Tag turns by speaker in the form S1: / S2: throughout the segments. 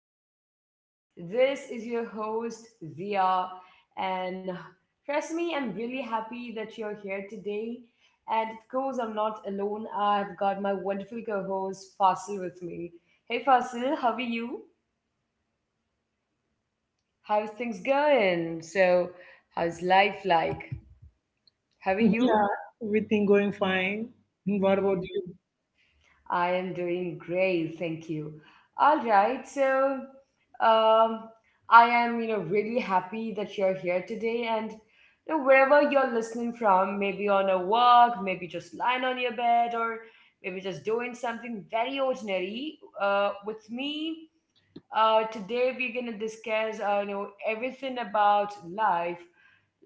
S1: our podcast. This is your host, Zia, and trust me, I'm really happy that you're here today. And of course, I'm not alone. I've got my wonderful co host, Fasil, with me. Hey Fasil, how are you? How's things going? So, how's life like? How are
S2: Yeah,
S1: you?
S2: everything going fine. And what about you?
S1: I am doing great, thank you. All right, so um, I am, you know, really happy that you're here today, and you know, wherever you're listening from, maybe on a walk, maybe just lying on your bed, or maybe just doing something very ordinary. With me, today we're gonna discuss, you know, everything about life.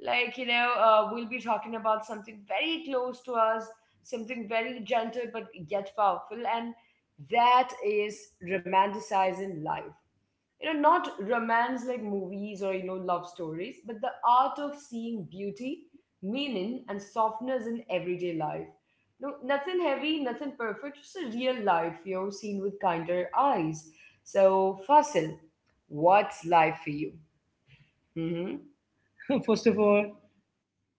S1: Like you know, we'll be talking about something very close to us, something very gentle but yet powerful, and that is romanticizing life, you know, not romance like movies or, you know, love stories, but the art of seeing beauty, meaning and softness in everyday life. No, nothing heavy, nothing perfect, just a real life, you know, seen with kinder eyes. So Fasil, what's life for you? Mm-hmm.
S2: First of all,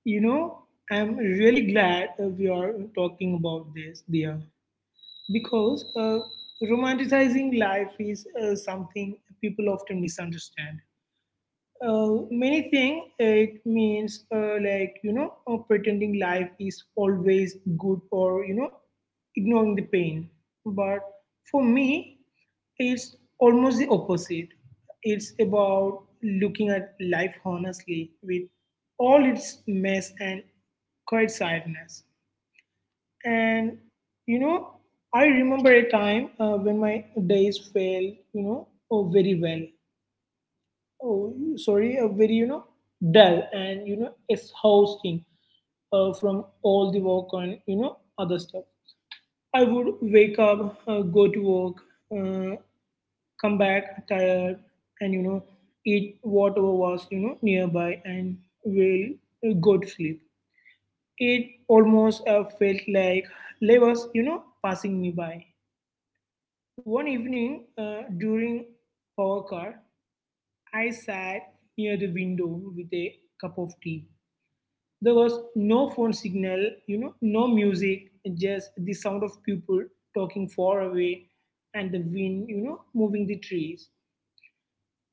S2: you know, I'm really glad we are talking about this, dear, because romanticizing life is something people often misunderstand. Many things it means like pretending life is always good or ignoring the pain. But for me it's almost the opposite. It's about looking at life honestly with all its mess and quiet sadness. And you know I remember a time when my days felt you know oh, very well oh sorry a very you know dull and exhausting from all the work and other stuff. I would wake up, go to work, uh, come back tired, and eat whatever was nearby and will go to sleep. It almost felt like life was, passing me by. One evening during power car, I sat near the window with a cup of tea. There was no phone signal, you know, no music, just the sound of people talking far away and the wind, moving the trees.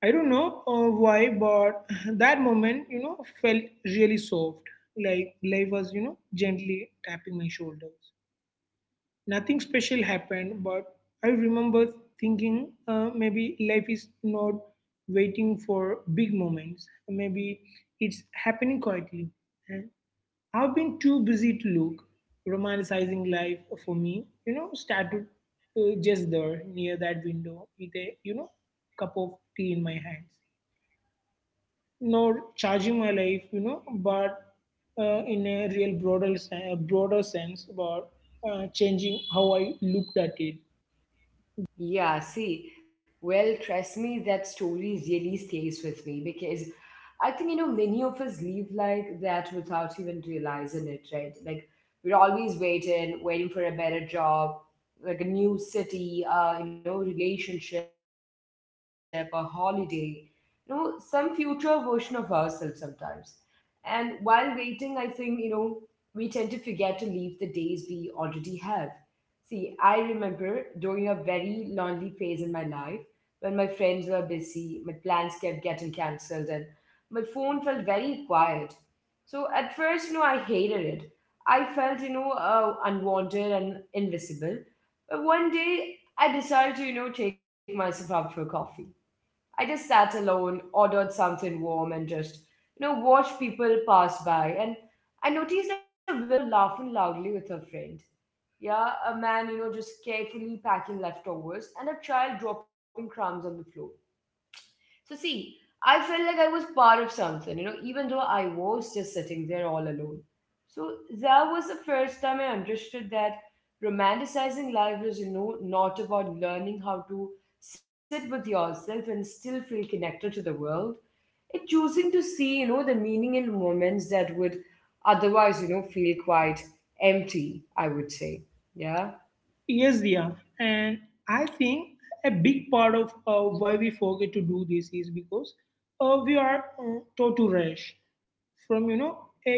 S2: I don't know why, but that moment, felt really soft. Like life was, gently tapping my shoulders. Nothing special happened, but I remember thinking maybe life is not waiting for big moments. Maybe it's happening quietly. I've been too busy to look. Romanticizing life for me, started just there near that window with a, cup of tea in my hands. Nor charging my life, but in a real broader, broader sense about changing how I looked at it.
S1: Yeah, see, well, trust me, that story really stays with me because I think, you know, many of us live like that without even realizing it, right? Like, we're always waiting, waiting for a better job, like a new city, you know, relationship, a holiday, you know, some future version of ourselves sometimes. And while waiting, I think, you know, we tend to forget to leave the days we already have. See, I remember during a very lonely phase in my life when my friends were busy, my plans kept getting cancelled, and my phone felt very quiet. So at first, you know, I hated it. I felt, you know, unwanted and invisible. But one day, I decided to, you know, take myself out for coffee. I just sat alone, ordered something warm, and just, you know, watched people pass by. And I noticed a woman, you know, laughing loudly with her friend. Yeah, a man, you know, just carefully packing leftovers, and a child dropping crumbs on the floor. So, see, I felt like I was part of something, you know, even though I was just sitting there all alone. So, that was the first time I understood that romanticizing life is, you know, not about learning how to sit with yourself and still feel connected to the world. It's choosing to see, you know, the meaning in moments that would otherwise, you know, feel quite empty, I would say. Yeah.
S2: Yes, Dia. And I think a big part of why we forget to do this is because we are taught to rush. From a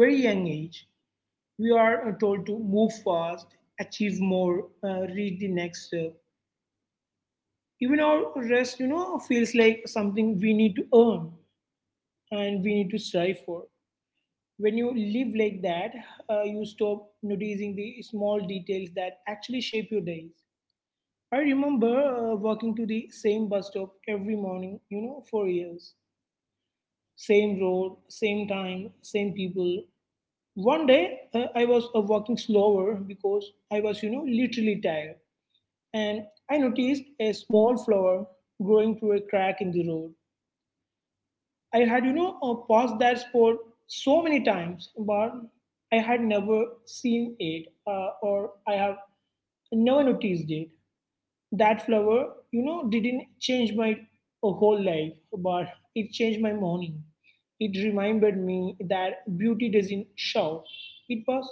S2: very young age we are told to move fast, achieve more, reach the next step. Even our rest, feels like something we need to earn and we need to strive for. When you live like that, you stop noticing the small details that actually shape your days. I remember walking to the same bus stop every morning, for years. Same road, same time, same people. One day, I was walking slower because I was, literally tired, and I noticed a small flower growing through a crack in the road. I had, passed that spot so many times, but I had never seen it, or I have never noticed it. That flower, didn't change my whole life, but it changed my morning. It reminded me that beauty doesn't shout. It was,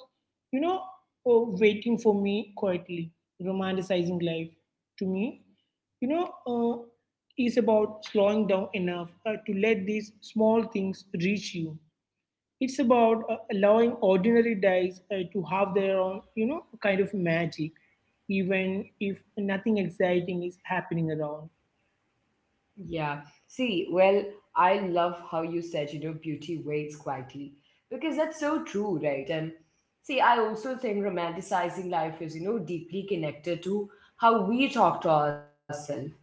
S2: you know waiting for me quietly. Romanticizing life, to me, you know uh, is about slowing down enough to let these small things reach you. It's about allowing ordinary days to have their own, you know, kind of magic, even if nothing exciting is happening around.
S1: Yeah. See, well, I love how you said, you know, beauty waits quietly, because that's so true, right? And see, I also think romanticizing life is, you know, deeply connected to how we talk to ourselves.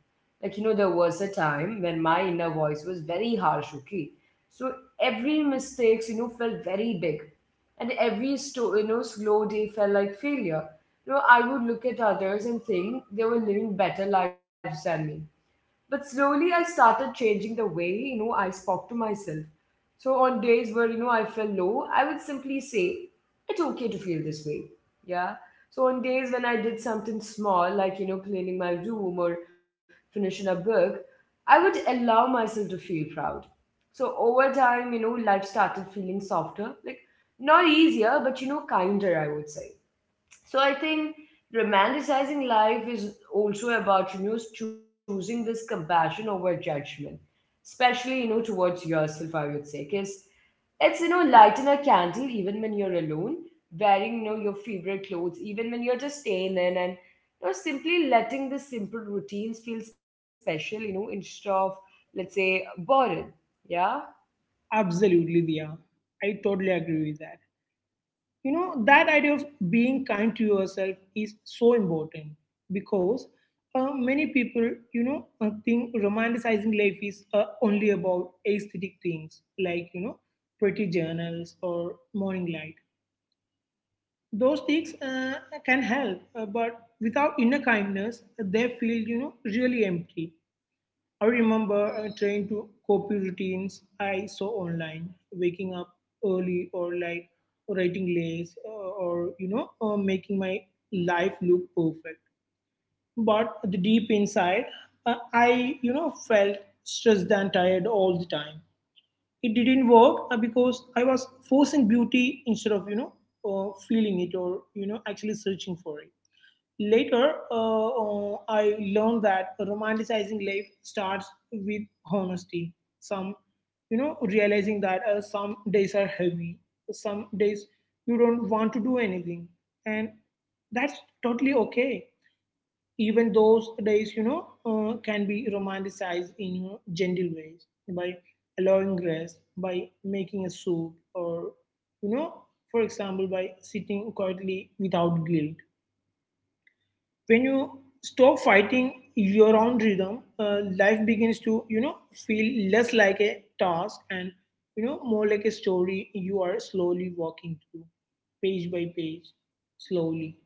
S1: Like, you know, there was a time when my inner voice was very harsh, okay? So every mistakes, you know, felt very big. And every you know, slow day felt like failure. You know, I would look at others and think they were living better lives than me, but slowly I started changing the way, you know, I spoke to myself. So on days where, you know, I felt low, I would simply say, it's okay to feel this way. Yeah. So on days when I did something small, like, you know, cleaning my room or finishing a book, I would allow myself to feel proud. So over time, you know, life started feeling softer, like not easier, but, you know, kinder, I would say. So I think romanticizing life is also about, you know, choosing this compassion over judgment, especially, you know, towards yourself. I would say, because it's, you know, lighten a candle even when you're alone, wearing, you know, your favorite clothes, even when you're just staying in, and, you know, simply letting the simple routines feel special. You know, instead of, let's say, boring. Yeah.
S2: Absolutely, Dia. I totally agree with that. You know, that idea of being kind to yourself is so important because many people, think romanticizing life is only about aesthetic things like, you know, pretty journals or morning light. Those things can help, but without inner kindness they feel, really empty. I remember trying to copy routines I saw online, waking up early or like writing late, or making my life look perfect. But the deep inside, I, felt stressed and tired all the time. It didn't work because I was forcing beauty instead of feeling it or actually searching for it. Later, I learned that romanticizing life starts with honesty. Some, you know, realizing that some days are heavy, some days you don't want to do anything, and that's totally okay. Even those days, can be romanticized in, you know, gentle ways by allowing rest, by making a soup, or, you know, for example, by sitting quietly without guilt. When you stop fighting your own rhythm, life begins to, feel less like a task and, you know, more like a story you are slowly walking through, page by page, slowly.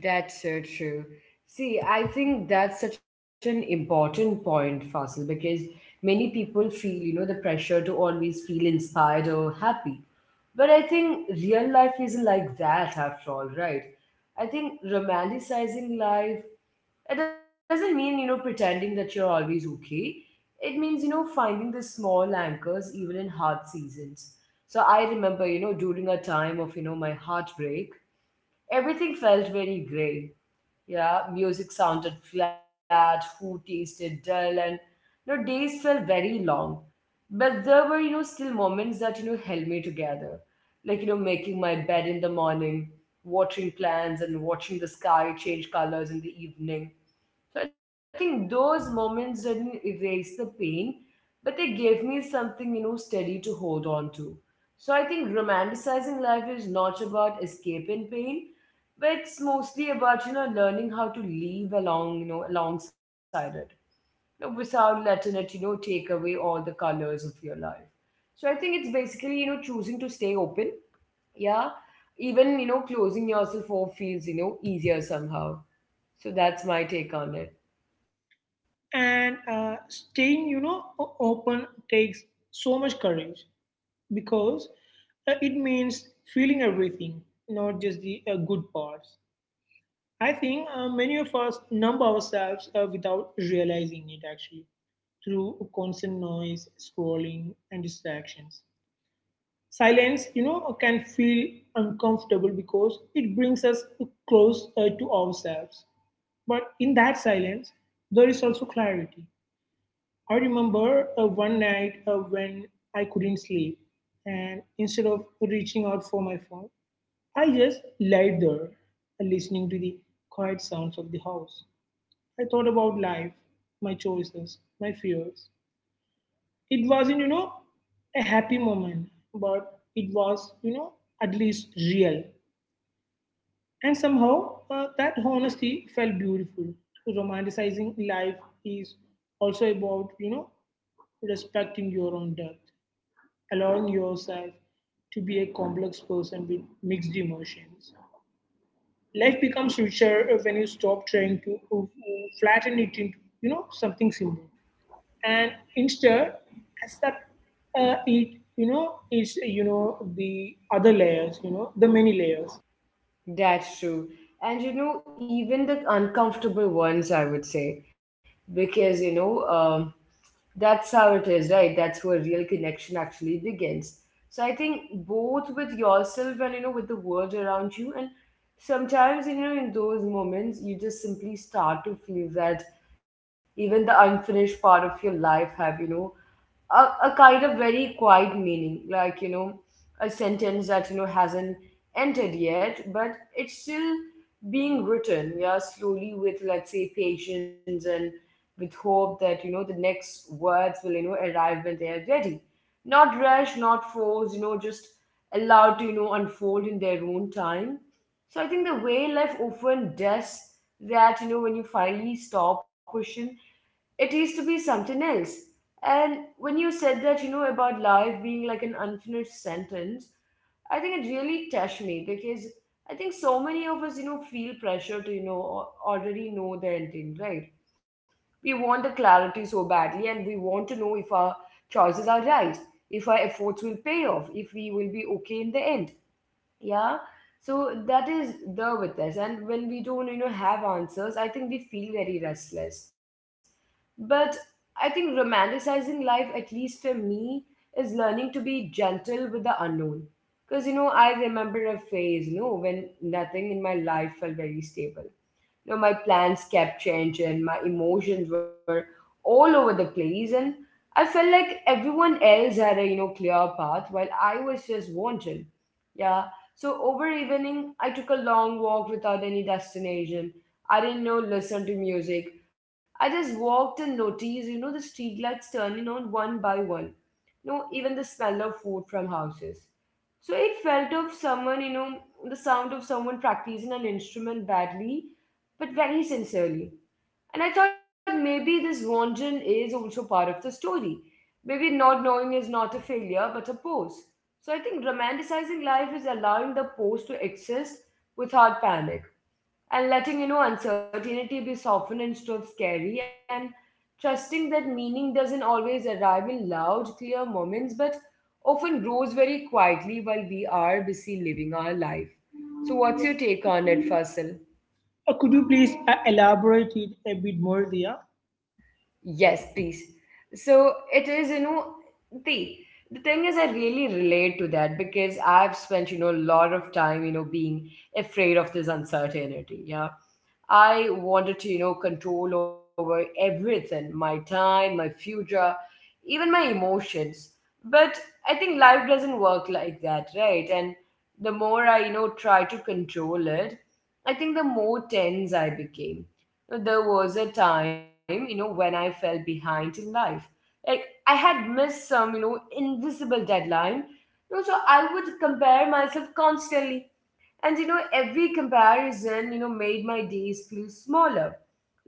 S1: That's so true. See, I think that's such an important point, Fasil, because many people feel, you know, the pressure to always feel inspired or happy. But I think real life isn't like that after all, right? I think romanticizing life, it doesn't mean, you know, pretending that you're always okay. It means, you know, finding the small anchors even in hard seasons. So I remember, you know, during a time of, you know, my heartbreak, everything felt very gray. Yeah, music sounded flat, food tasted dull, and, you know, days felt very long. But there were, you know, still moments that, you know, held me together. Like, you know, making my bed in the morning, watering plants, and watching the sky change colors in the evening. So I think those moments didn't erase the pain, but they gave me something, you know, steady to hold on to. So I think romanticizing life is not about escaping pain, but it's mostly about, you know, learning how to live along, you know, alongside it. You know, without letting it, you know, take away all the colors of your life. So I think it's basically, you know, choosing to stay open. Yeah. Even, you know, closing yourself off feels, you know, easier somehow. So that's my take on it.
S2: And staying, open takes so much courage because it means feeling everything, not just the good parts. I think many of us numb ourselves without realizing it actually, through constant noise, scrolling and distractions. Silence, can feel uncomfortable because it brings us close to ourselves. But in that silence there is also clarity. I remember one night when I couldn't sleep, and instead of reaching out for my phone, I just laid there listening to the quiet sounds of the house. I thought about life, my choices, my fears. It wasn't, you know, a happy moment, but it was, you know, at least real. And somehow that honesty felt beautiful. Romanticizing life is also about, you know, respecting your own depth, allowing yourself to be a complex person with mixed emotions. Life becomes richer when you stop trying to flatten it into, something simple, and instead accept it, you know is you know the other layers, the many layers.
S1: That's true. And you know, even the uncomfortable ones, I would say, because you know, that's how it is, right? That's where real connection actually begins. So I think both with yourself and, you know, with the world around you, and sometimes, you know, in those moments, you just simply start to feel that even the unfinished part of your life have, you know, a, kind of very quiet meaning, like, you know, a sentence that, you know, hasn't entered yet, but it's still being written, yeah, slowly with, let's say, patience and with hope that, you know, the next words will, you know, arrive when they are ready. Not rushed, not forced, you know, just allowed to, you know, unfold in their own time. So I think the way life often does that, you know, when you finally stop pushing, it used to be something else. And when you said that, you know, about life being like an unfinished sentence, I think it really touched me because I think so many of us, you know, feel pressure to, you know, already know the ending, right? We want the clarity so badly, and we want to know if our choices are right, if our efforts will pay off, if we will be okay in the end. Yeah. So that is there with us, and when we don't, you know, have answers, I think we feel very restless. But I think romanticizing life, at least for me, is learning to be gentle with the unknown. Because, you know, I remember a phase, you know, when nothing in my life felt very stable. You know, my plans kept changing, my emotions were all over the place, and I felt like everyone else had a, you know, clear path while I was just wandering. Yeah. So over evening, I took a long walk without any destination. I didn't know listen to music. I just walked and noticed, you know, the street lights turning on one by one. No, even the smell of food from houses. So it felt of someone, you know, the sound of someone practicing an instrument badly, but very sincerely. And I thought maybe this wandering is also part of the story. Maybe not knowing is not a failure but a pose. So I think romanticizing life is allowing the pose to exist without panic, and letting, you know, uncertainty be softened instead of scary, and trusting that meaning doesn't always arrive in loud, clear moments, but often grows very quietly while we are busy living our life. So what's your take on it, Fasil?
S2: Could you please elaborate it a bit more, Dia?
S1: Yes, please. So it is, you know, the the thing is, I really relate to that because I've spent, you know, a lot of time, you know, being afraid of this uncertainty. Yeah, I wanted to, you know, control over everything, my time, my future, even my emotions. But I think life doesn't work like that, right? And the more I, you know, try to control it, I think the more tense I became. There was a time, you know, when I fell behind in life, like I had missed some, you know, invisible deadline. You know, so I would compare myself constantly, and, you know, every comparison, you know, made my days feel smaller.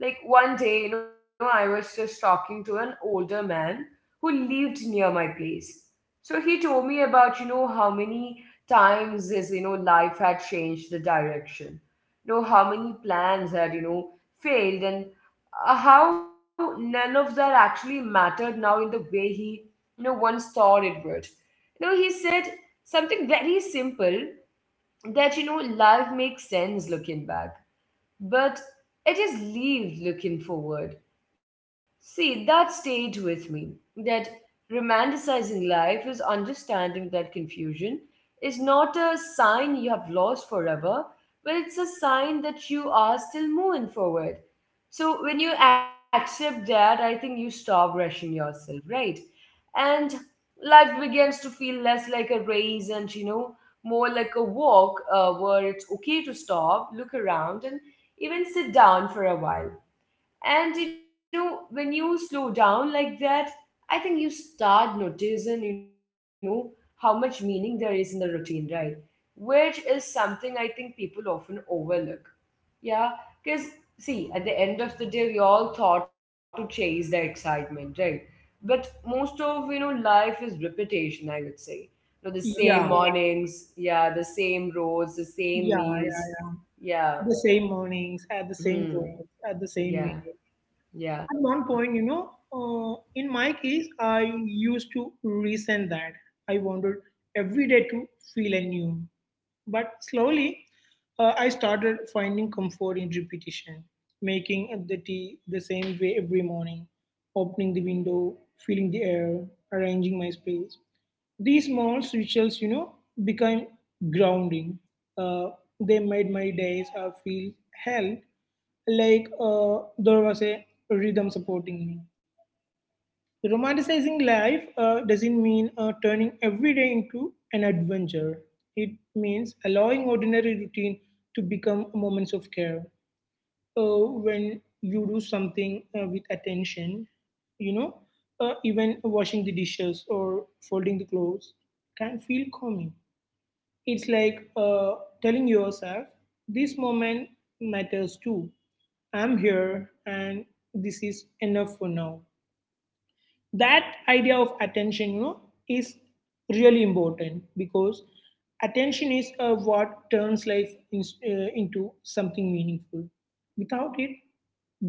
S1: Like one day, you know, I was just talking to an older man who lived near my place. So he told me about, you know, how many times his, you know, life had changed the direction. You know, how many plans had, you know, failed, and how none of that actually mattered now in the way he, you know, once thought it would. He said something very simple that life makes sense looking back, but it is leave looking forward. See, that stayed with me. That romanticizing life is understanding that confusion is not a sign you have lost forever, but it's a sign that you are still moving forward. So when you accept that, I think you stop rushing yourself, right? And life begins to feel less like a race, and more like a walk where it's okay to stop, look around, and even sit down for a while. And when you slow down like that, I think you start noticing, how much meaning there is in the routine, right? Which is something I think people often overlook. Yeah, because see, at the end of the day, we all thought to chase the excitement, right? But most of life is repetition, I would say. The same
S2: Yeah,
S1: mornings, yeah, the same roads, the same
S2: yeah,
S1: meals,
S2: yeah.
S1: yeah.
S2: The same mornings, at the same
S1: Hmm.
S2: roads, at the same
S1: Yeah.
S2: meals.
S1: Yeah,
S2: At one point, you know, in my case, I used to resent that. I wanted every day to feel anew. But slowly, I started finding comfort in repetition, making the tea the same way every morning, opening the window, feeling the air, arranging my space. These small rituals, you know, became grounding. Uh, they made my days feel held, like there was a rhythm supporting me. Romanticizing life doesn't mean turning every day into an adventure. It means allowing ordinary routine to become moments of care. When you do something with attention, you know, even washing the dishes or folding the clothes can feel calming. It's like, telling yourself, this moment matters too. I'm here and this is enough for now. That idea of attention, is really important because attention is what turns life in, into something meaningful. Without it,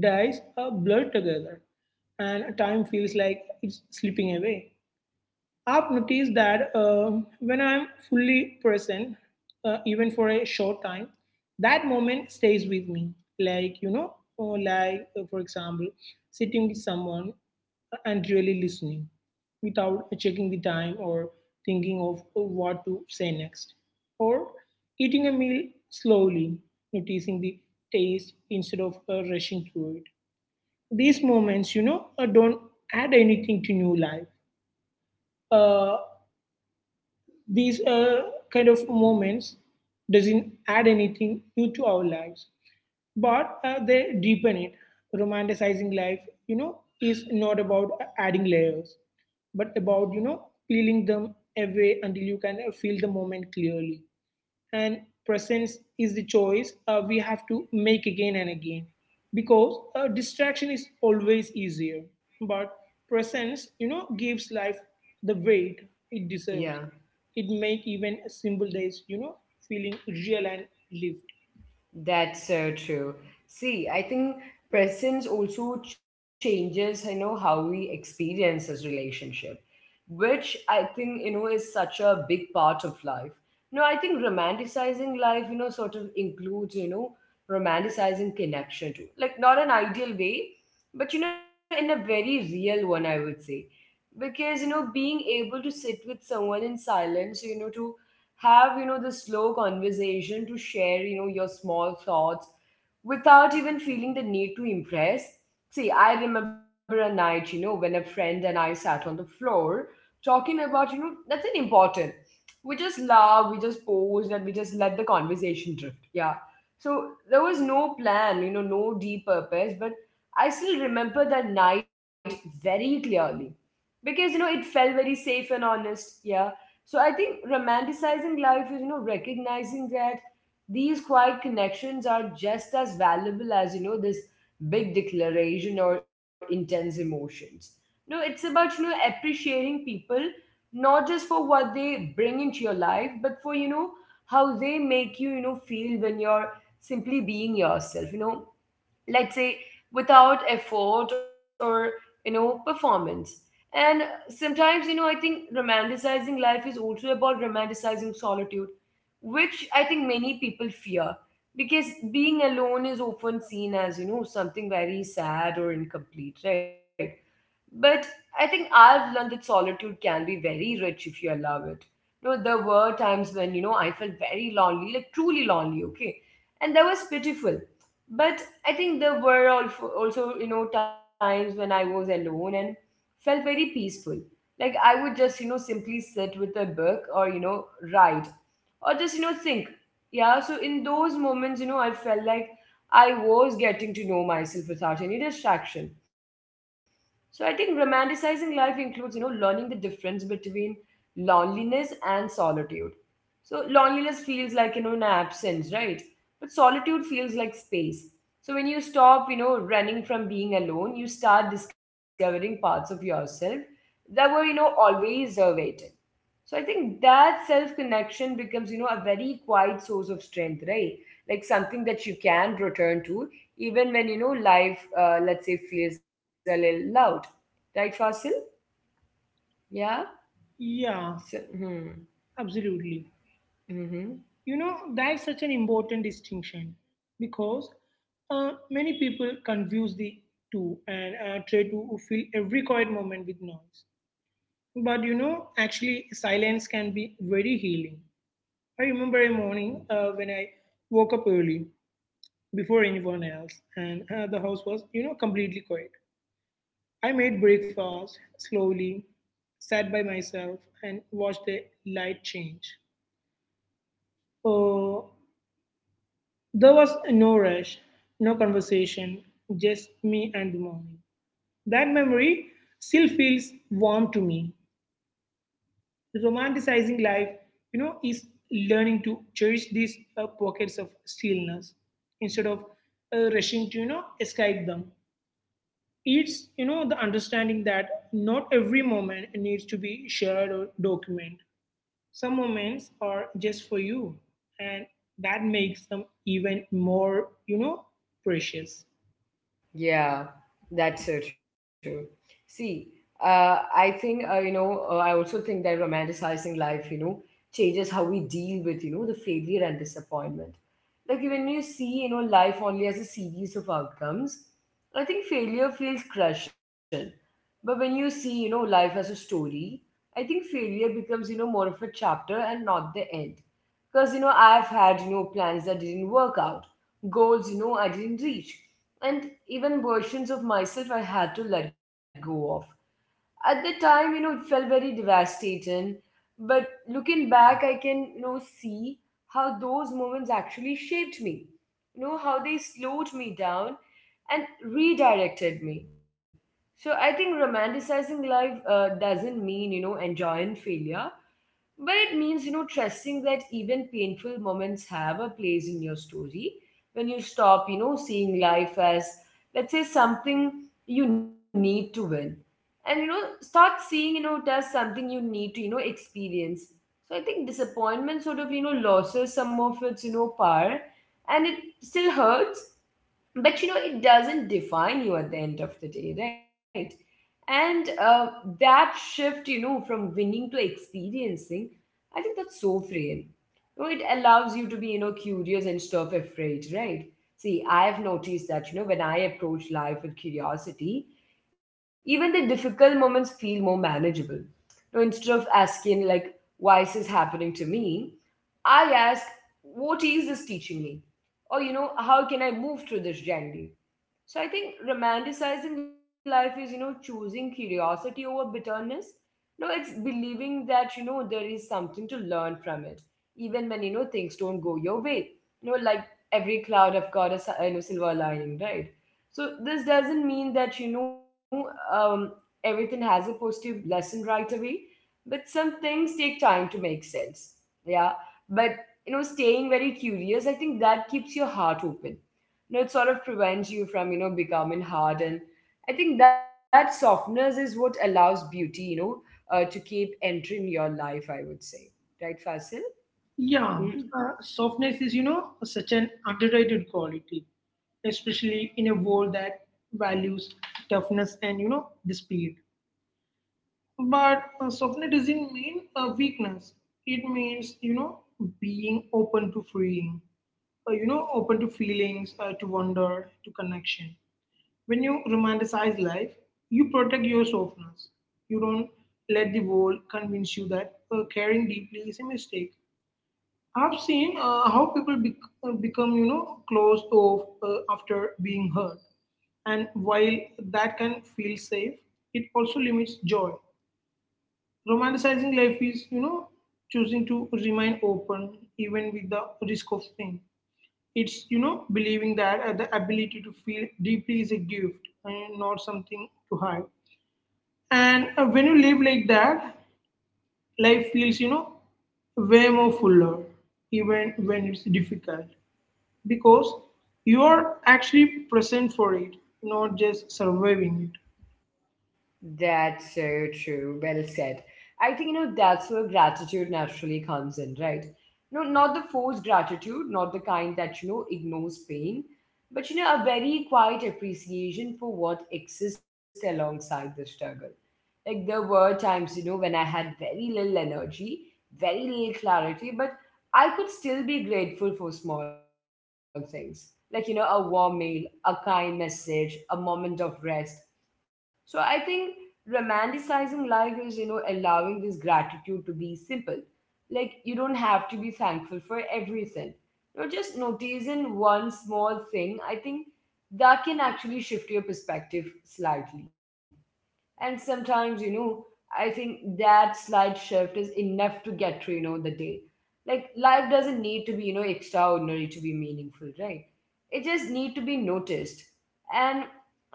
S2: dies blur together and time feels like it's slipping away. I've noticed that when I'm fully present, even for a short time, that moment stays with me. Like, you know, or like, for example, sitting with someone and really listening without checking the time or thinking of what to say next. Or eating a meal slowly, noticing the taste instead of rushing through it. These moments, don't add anything to new life. Uh, these kind of moments doesn't add anything new to our lives, but they deepen it. Romanticizing life, you know is not about adding layers, but about, peeling them away until you can feel the moment clearly. And presence is the choice we have to make again and again, because distraction is always easier. But presence, gives life the weight it
S1: yeah,
S2: deserves. It make even simple days, feeling real and lived.
S1: that's so true. See, I think presence also changes, how we experience this relationship, which I think, is such a big part of life. No, I think romanticizing life, sort of includes, romanticizing connection too. Like, not an ideal way, but, in a very real one, I would say. Because, being able to sit with someone in silence, to have this slow conversation, to share your small thoughts without even feeling the need to impress. See, I remember a night when a friend and I sat on the floor talking about nothing important. We just laughed, we just posed, and we just let the conversation drift. Yeah. So there was no plan, no deep purpose, but I still remember that night very clearly because it felt very safe and honest. Yeah. So I think romanticizing life is, recognizing that these quiet connections are just as valuable as, this big declaration or intense emotions. No, it's about, appreciating people not just for what they bring into your life, but for, how they make you, feel when you're simply being yourself. Let's say, without effort or performance. And sometimes I think romanticizing life is also about romanticizing solitude, which I think many people fear because being alone is often seen as something very sad or incomplete, right? But I think I've learned that solitude can be very rich if you allow it. There were times when, I felt very lonely, like truly lonely, okay? And that was pitiful. But I think there were also, times when I was alone and felt very peaceful. Like I would just, simply sit with a book, or, write, or just think. Yeah. So in those moments I felt like I was getting to know myself without any distraction. So I think romanticizing life includes learning the difference between loneliness and solitude. So loneliness feels like an absence, right? But solitude feels like space. So when you stop running from being alone, you start discovering parts of yourself that were always waiting. So I think that self connection becomes, a very quiet source of strength, right? Like something that you can return to even when, life, let's say, feels a little loud. Right, Fasil? Yeah?
S2: Yeah,
S1: So, hmm.
S2: absolutely.
S1: Hmm, hmm.
S2: You know, that's such an important distinction because many people confuse the two and try to fill every quiet moment with noise. But you know, actually, silence can be very healing. I remember a morning when I woke up early before anyone else, and the house was, you know, completely quiet. I made breakfast slowly, sat by myself, and watched the light change. Uh, there was no rush, no conversation, just me and the morning. That memory still feels warm to me. Romanticizing life, is learning to cherish these pockets of stillness instead of rushing to, escape them. It's, the understanding that not every moment needs to be shared or documented. Some moments are just for you, and that makes them even more, precious.
S1: Yeah, that's so true. See, I think, I also think that romanticizing life, changes how we deal with, the failure and disappointment. Like when you see, life only as a series of outcomes, I think failure feels crushing. But when you see, life as a story, I think failure becomes, more of a chapter and not the end. Because, I've had, plans that didn't work out, goals, I didn't reach, and even versions of myself I had to let go of. At the time, it felt very devastating, but looking back, I can, see how those moments actually shaped me, how they slowed me down and redirected me. So I think romanticizing life doesn't mean, enjoying failure, but it means, trusting that even painful moments have a place in your story. When you stop, seeing life as, let's say, something you need to win. And, start seeing, it as something you need to, experience. So I think disappointment sort of, losses some of its, power. And it still hurts, but it doesn't define you at the end of the day, right? And that shift from winning to experiencing, I think that's so freeing. It allows you to be curious and stuff afraid, right? See, I have noticed that when I approach life with curiosity, even the difficult moments feel more manageable. Instead of asking, like, why is this happening to me? I ask, what is this teaching me? Or how can I move through this journey? So I think romanticizing life is, choosing curiosity over bitterness. No, it's believing that, there is something to learn from it, even when, things don't go your way. Like, every cloud I've got a silver lining, right? So this doesn't mean that, everything has a positive lesson right away, but some things take time to make sense. Yeah. But, staying very curious, I think that keeps your heart open. It sort of prevents you from, becoming hard. And I think that softness is what allows beauty, to keep entering your life, I would say. Right, Fasil?
S2: Yeah,
S1: Mhm.
S2: softness is, you know, such an underrated quality, especially in a world that values toughness and, you know, the speed. But softness doesn't mean weakness. It means, you know, being open to freeing, you know, open to feelings, to wonder, to connection. When you romanticize life, you protect your softness. You don't let the world convince you that caring deeply is a mistake. I've seen how people become, you know, closed off after being hurt. And while that can feel safe, it also limits joy. Romanticizing life is, you know, choosing to remain open even with the risk of pain. It's, you know, believing that the ability to feel deeply is a gift and not something to hide. And when you live like that, life feels, you know, way more fuller, even when it's difficult, because you are actually present for it, not just surviving it.
S1: That's so true. Well said. I think, that's where gratitude naturally comes in, right? No, not the forced gratitude, not the kind that, ignores pain, but, a very quiet appreciation for what exists alongside the struggle. Like there were times, when I had very little energy, very little clarity, but I could still be grateful for small things. Like, a warm meal, a kind message, a moment of rest. So I think romanticizing life is, allowing this gratitude to be simple. Like, you don't have to be thankful for everything. Just noticing one small thing, I think that can actually shift your perspective slightly. And sometimes, I think that slight shift is enough to get through, the day. Like, life doesn't need to be, extraordinary to be meaningful, right? It just need to be noticed. And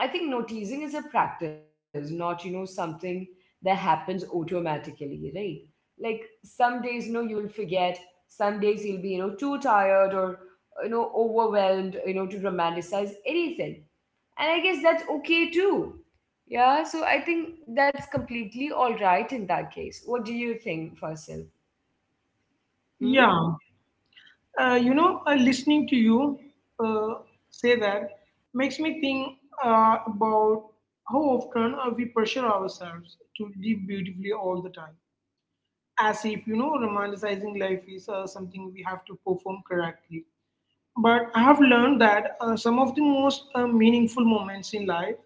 S1: I think noticing is a practice, not, something that happens automatically, right? Like, some days, you'll forget. Some days you'll be, too tired or, overwhelmed, to romanticize anything. And I guess that's okay too. Yeah, so I think that's completely all right. In that case, what do you think, Fasil? Hmm?
S2: Yeah, listening to you uh, say that makes me think about how often we pressure ourselves to live beautifully all the time, as if, you know, romanticizing life is something we have to perform correctly. But I have learned that some of the most meaningful moments in life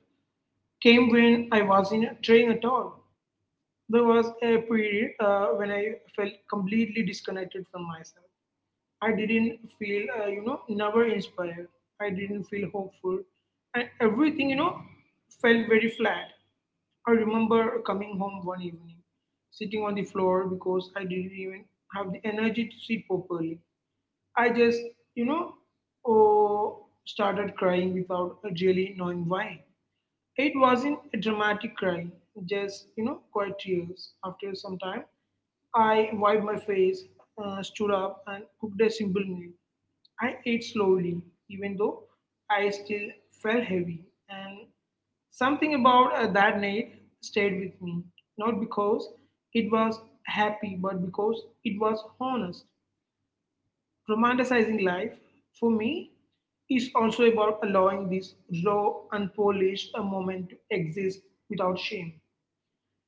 S2: came when I was in a train at all. There was a period when I felt completely disconnected from myself. I didn't feel, you know, never inspired. I didn't feel hopeful. And everything, you know, felt very flat. I remember coming home one evening, sitting on the floor because I didn't even have the energy to sit properly. I just, you know, oh, started crying without really knowing why. It wasn't a dramatic cry, just, you know, quiet tears. After some time, I wiped my face, stood up, and cooked a simple meal. I ate slowly, even though I still felt heavy. And something about that night stayed with me, not because it was happy, but because it was honest. Romanticizing life, for me, is also about allowing this raw, unpolished moment to exist without shame.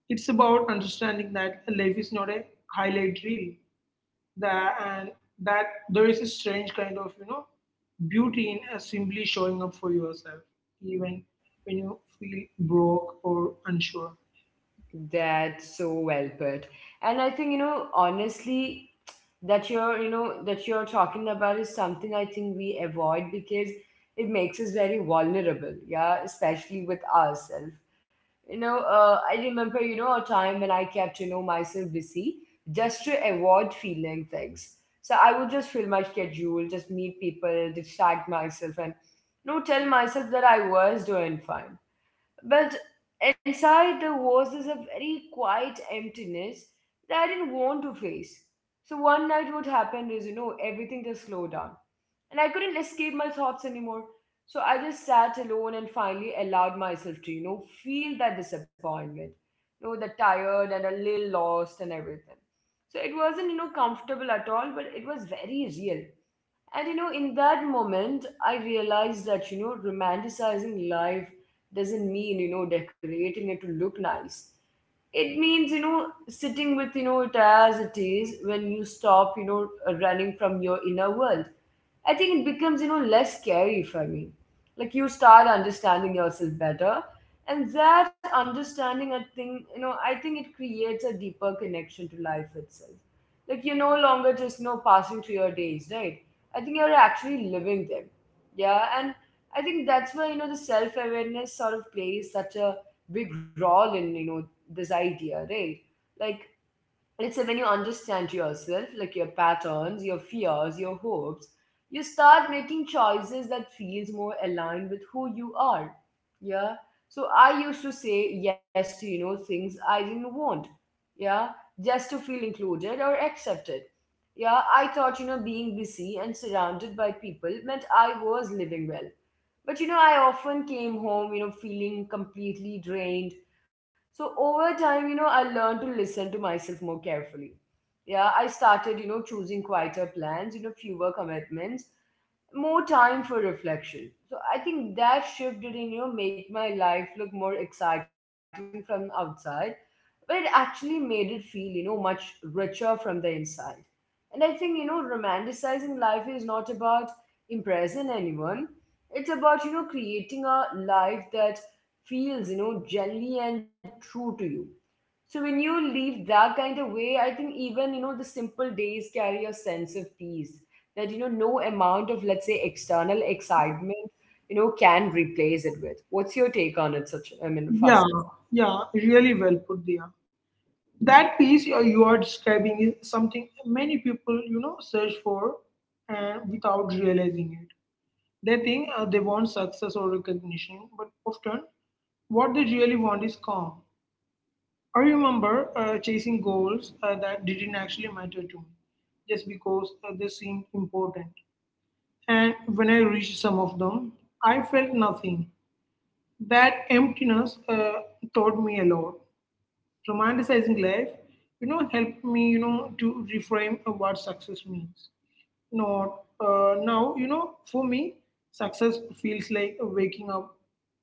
S2: It's about understanding that life is not a highlight reel, that and that there is a strange kind of, beauty in simply showing up for yourself, even when you feel broke or unsure.
S1: That's so well put. And I think honestly, that you're talking about is something I think we avoid because it makes us very vulnerable, yeah, especially with ourselves. I remember, a time when I kept, myself busy just to avoid feeling things. So I would just fill my schedule, just meet people, distract myself, and, tell myself that I was doing fine. But inside the walls is a very quiet emptiness that I didn't want to face. So one night what happened is, everything just slowed down. And I couldn't escape my thoughts anymore. So I just sat alone and finally allowed myself to, feel that disappointment. The tired and a little lost and everything. So it wasn't, comfortable at all, but it was very real. And in that moment, I realized that, romanticizing life doesn't mean, decorating it to look nice. It means sitting with it as it is. When you stop, running from your inner world, I think it becomes less scary for me. Like, you start understanding yourself better, and that understanding, I think it creates a deeper connection to life itself. Like, you're no longer just passing through your days, right? I think you're actually living them, yeah. And I think that's why the self-awareness sort of plays such a big role in this idea, right? Like, let's say when you understand yourself, like your patterns, your fears, your hopes, you start making choices that feels more aligned with who you are. Yeah. So I used to say yes to, things I didn't want. Yeah. Just to feel included or accepted. Yeah. I thought, being busy and surrounded by people meant I was living well, but I often came home, feeling completely drained. So over time, I learned to listen to myself more carefully. Yeah, I started, choosing quieter plans, fewer commitments, more time for reflection. So I think that shift did not make my life look more exciting from outside, but it actually made it feel much richer from the inside. And I think romanticizing life is not about impressing anyone. It's about creating a life that feels genuinely and true to you. So when you leave that kind of way, I think even, the simple days carry a sense of peace that, no amount of, let's say, external excitement, can replace it with. What's your take on it, such, I mean,
S2: Yeah,
S1: fast?
S2: yeah, really well put there. That piece you are describing is something many people, search for, and without realizing it they think they want success or recognition, but often what they really want is calm. I remember chasing goals that didn't actually matter to me, just because they seemed important. And when I reached some of them, I felt nothing. That emptiness taught me a lot. Romanticizing life, you know, helped me, you know, to reframe of what success means. Not Now, you know, for me, success feels like waking up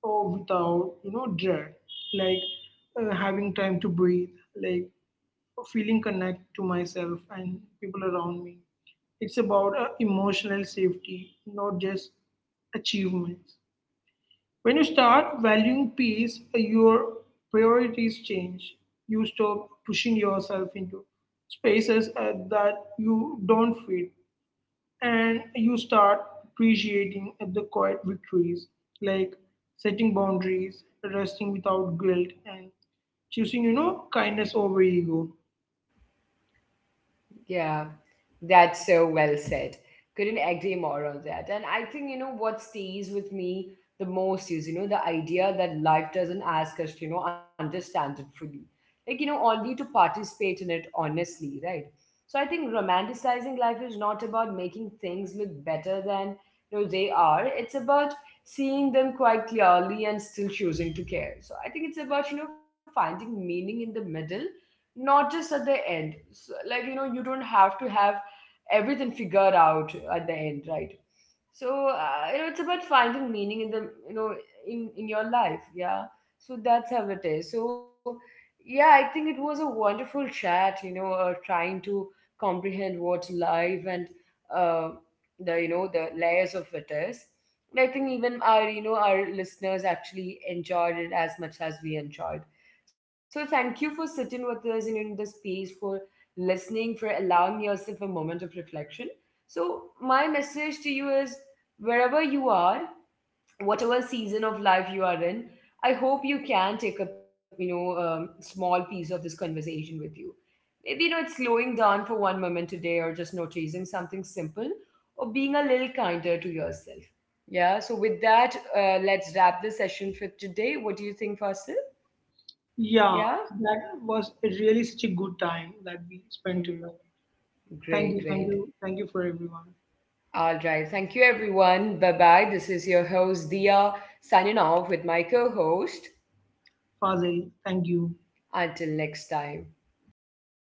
S2: or without, you know, dread, like having time to breathe, like feeling connect to myself and people around me. It's about emotional safety, not just achievements. When you start valuing peace, your priorities change. You stop pushing yourself into spaces that you don't fit, and you start appreciating the quiet victories, like setting boundaries, resting without guilt, and choosing, you know, kindness over ego.
S1: Yeah. That's so well said. Couldn't agree more on that. And I think, what stays with me the most is, the idea that life doesn't ask us to, understand it fully. Like, only to participate in it honestly, right? So I think romanticizing life is not about making things look better than, they are. It's about seeing them quite clearly and still choosing to care. So I think it's about, finding meaning in the middle, not just at the end. So, like, you don't have to have everything figured out at the end, right? So it's about finding meaning in the in your life, yeah. So that's how it is. So yeah, I think it was a wonderful chat. Trying to comprehend what's life and uh, the the layers of it is. And I think even our our listeners actually enjoyed it as much as we enjoyed. So thank you for sitting with us and in the space for listening, for allowing yourself a moment of reflection. So, my message to you is wherever you are, whatever season of life you are in, I hope you can take a small piece of this conversation with you. Maybe it's slowing down for one moment today, or just noticing something simple, or being a little kinder to yourself. Yeah. So with that, let's wrap the session for today. What do you think, Fasil? Yeah.
S2: Yeah, that was really such a good time that we spent
S1: Hmm.
S2: together. Thank
S1: Great,
S2: you, thank
S1: great.
S2: you, thank you for everyone.
S1: All right. Thank you, everyone. Bye bye. This is your host, Dia, signing off with my co host.
S2: Fazil, thank you.
S1: Until next time.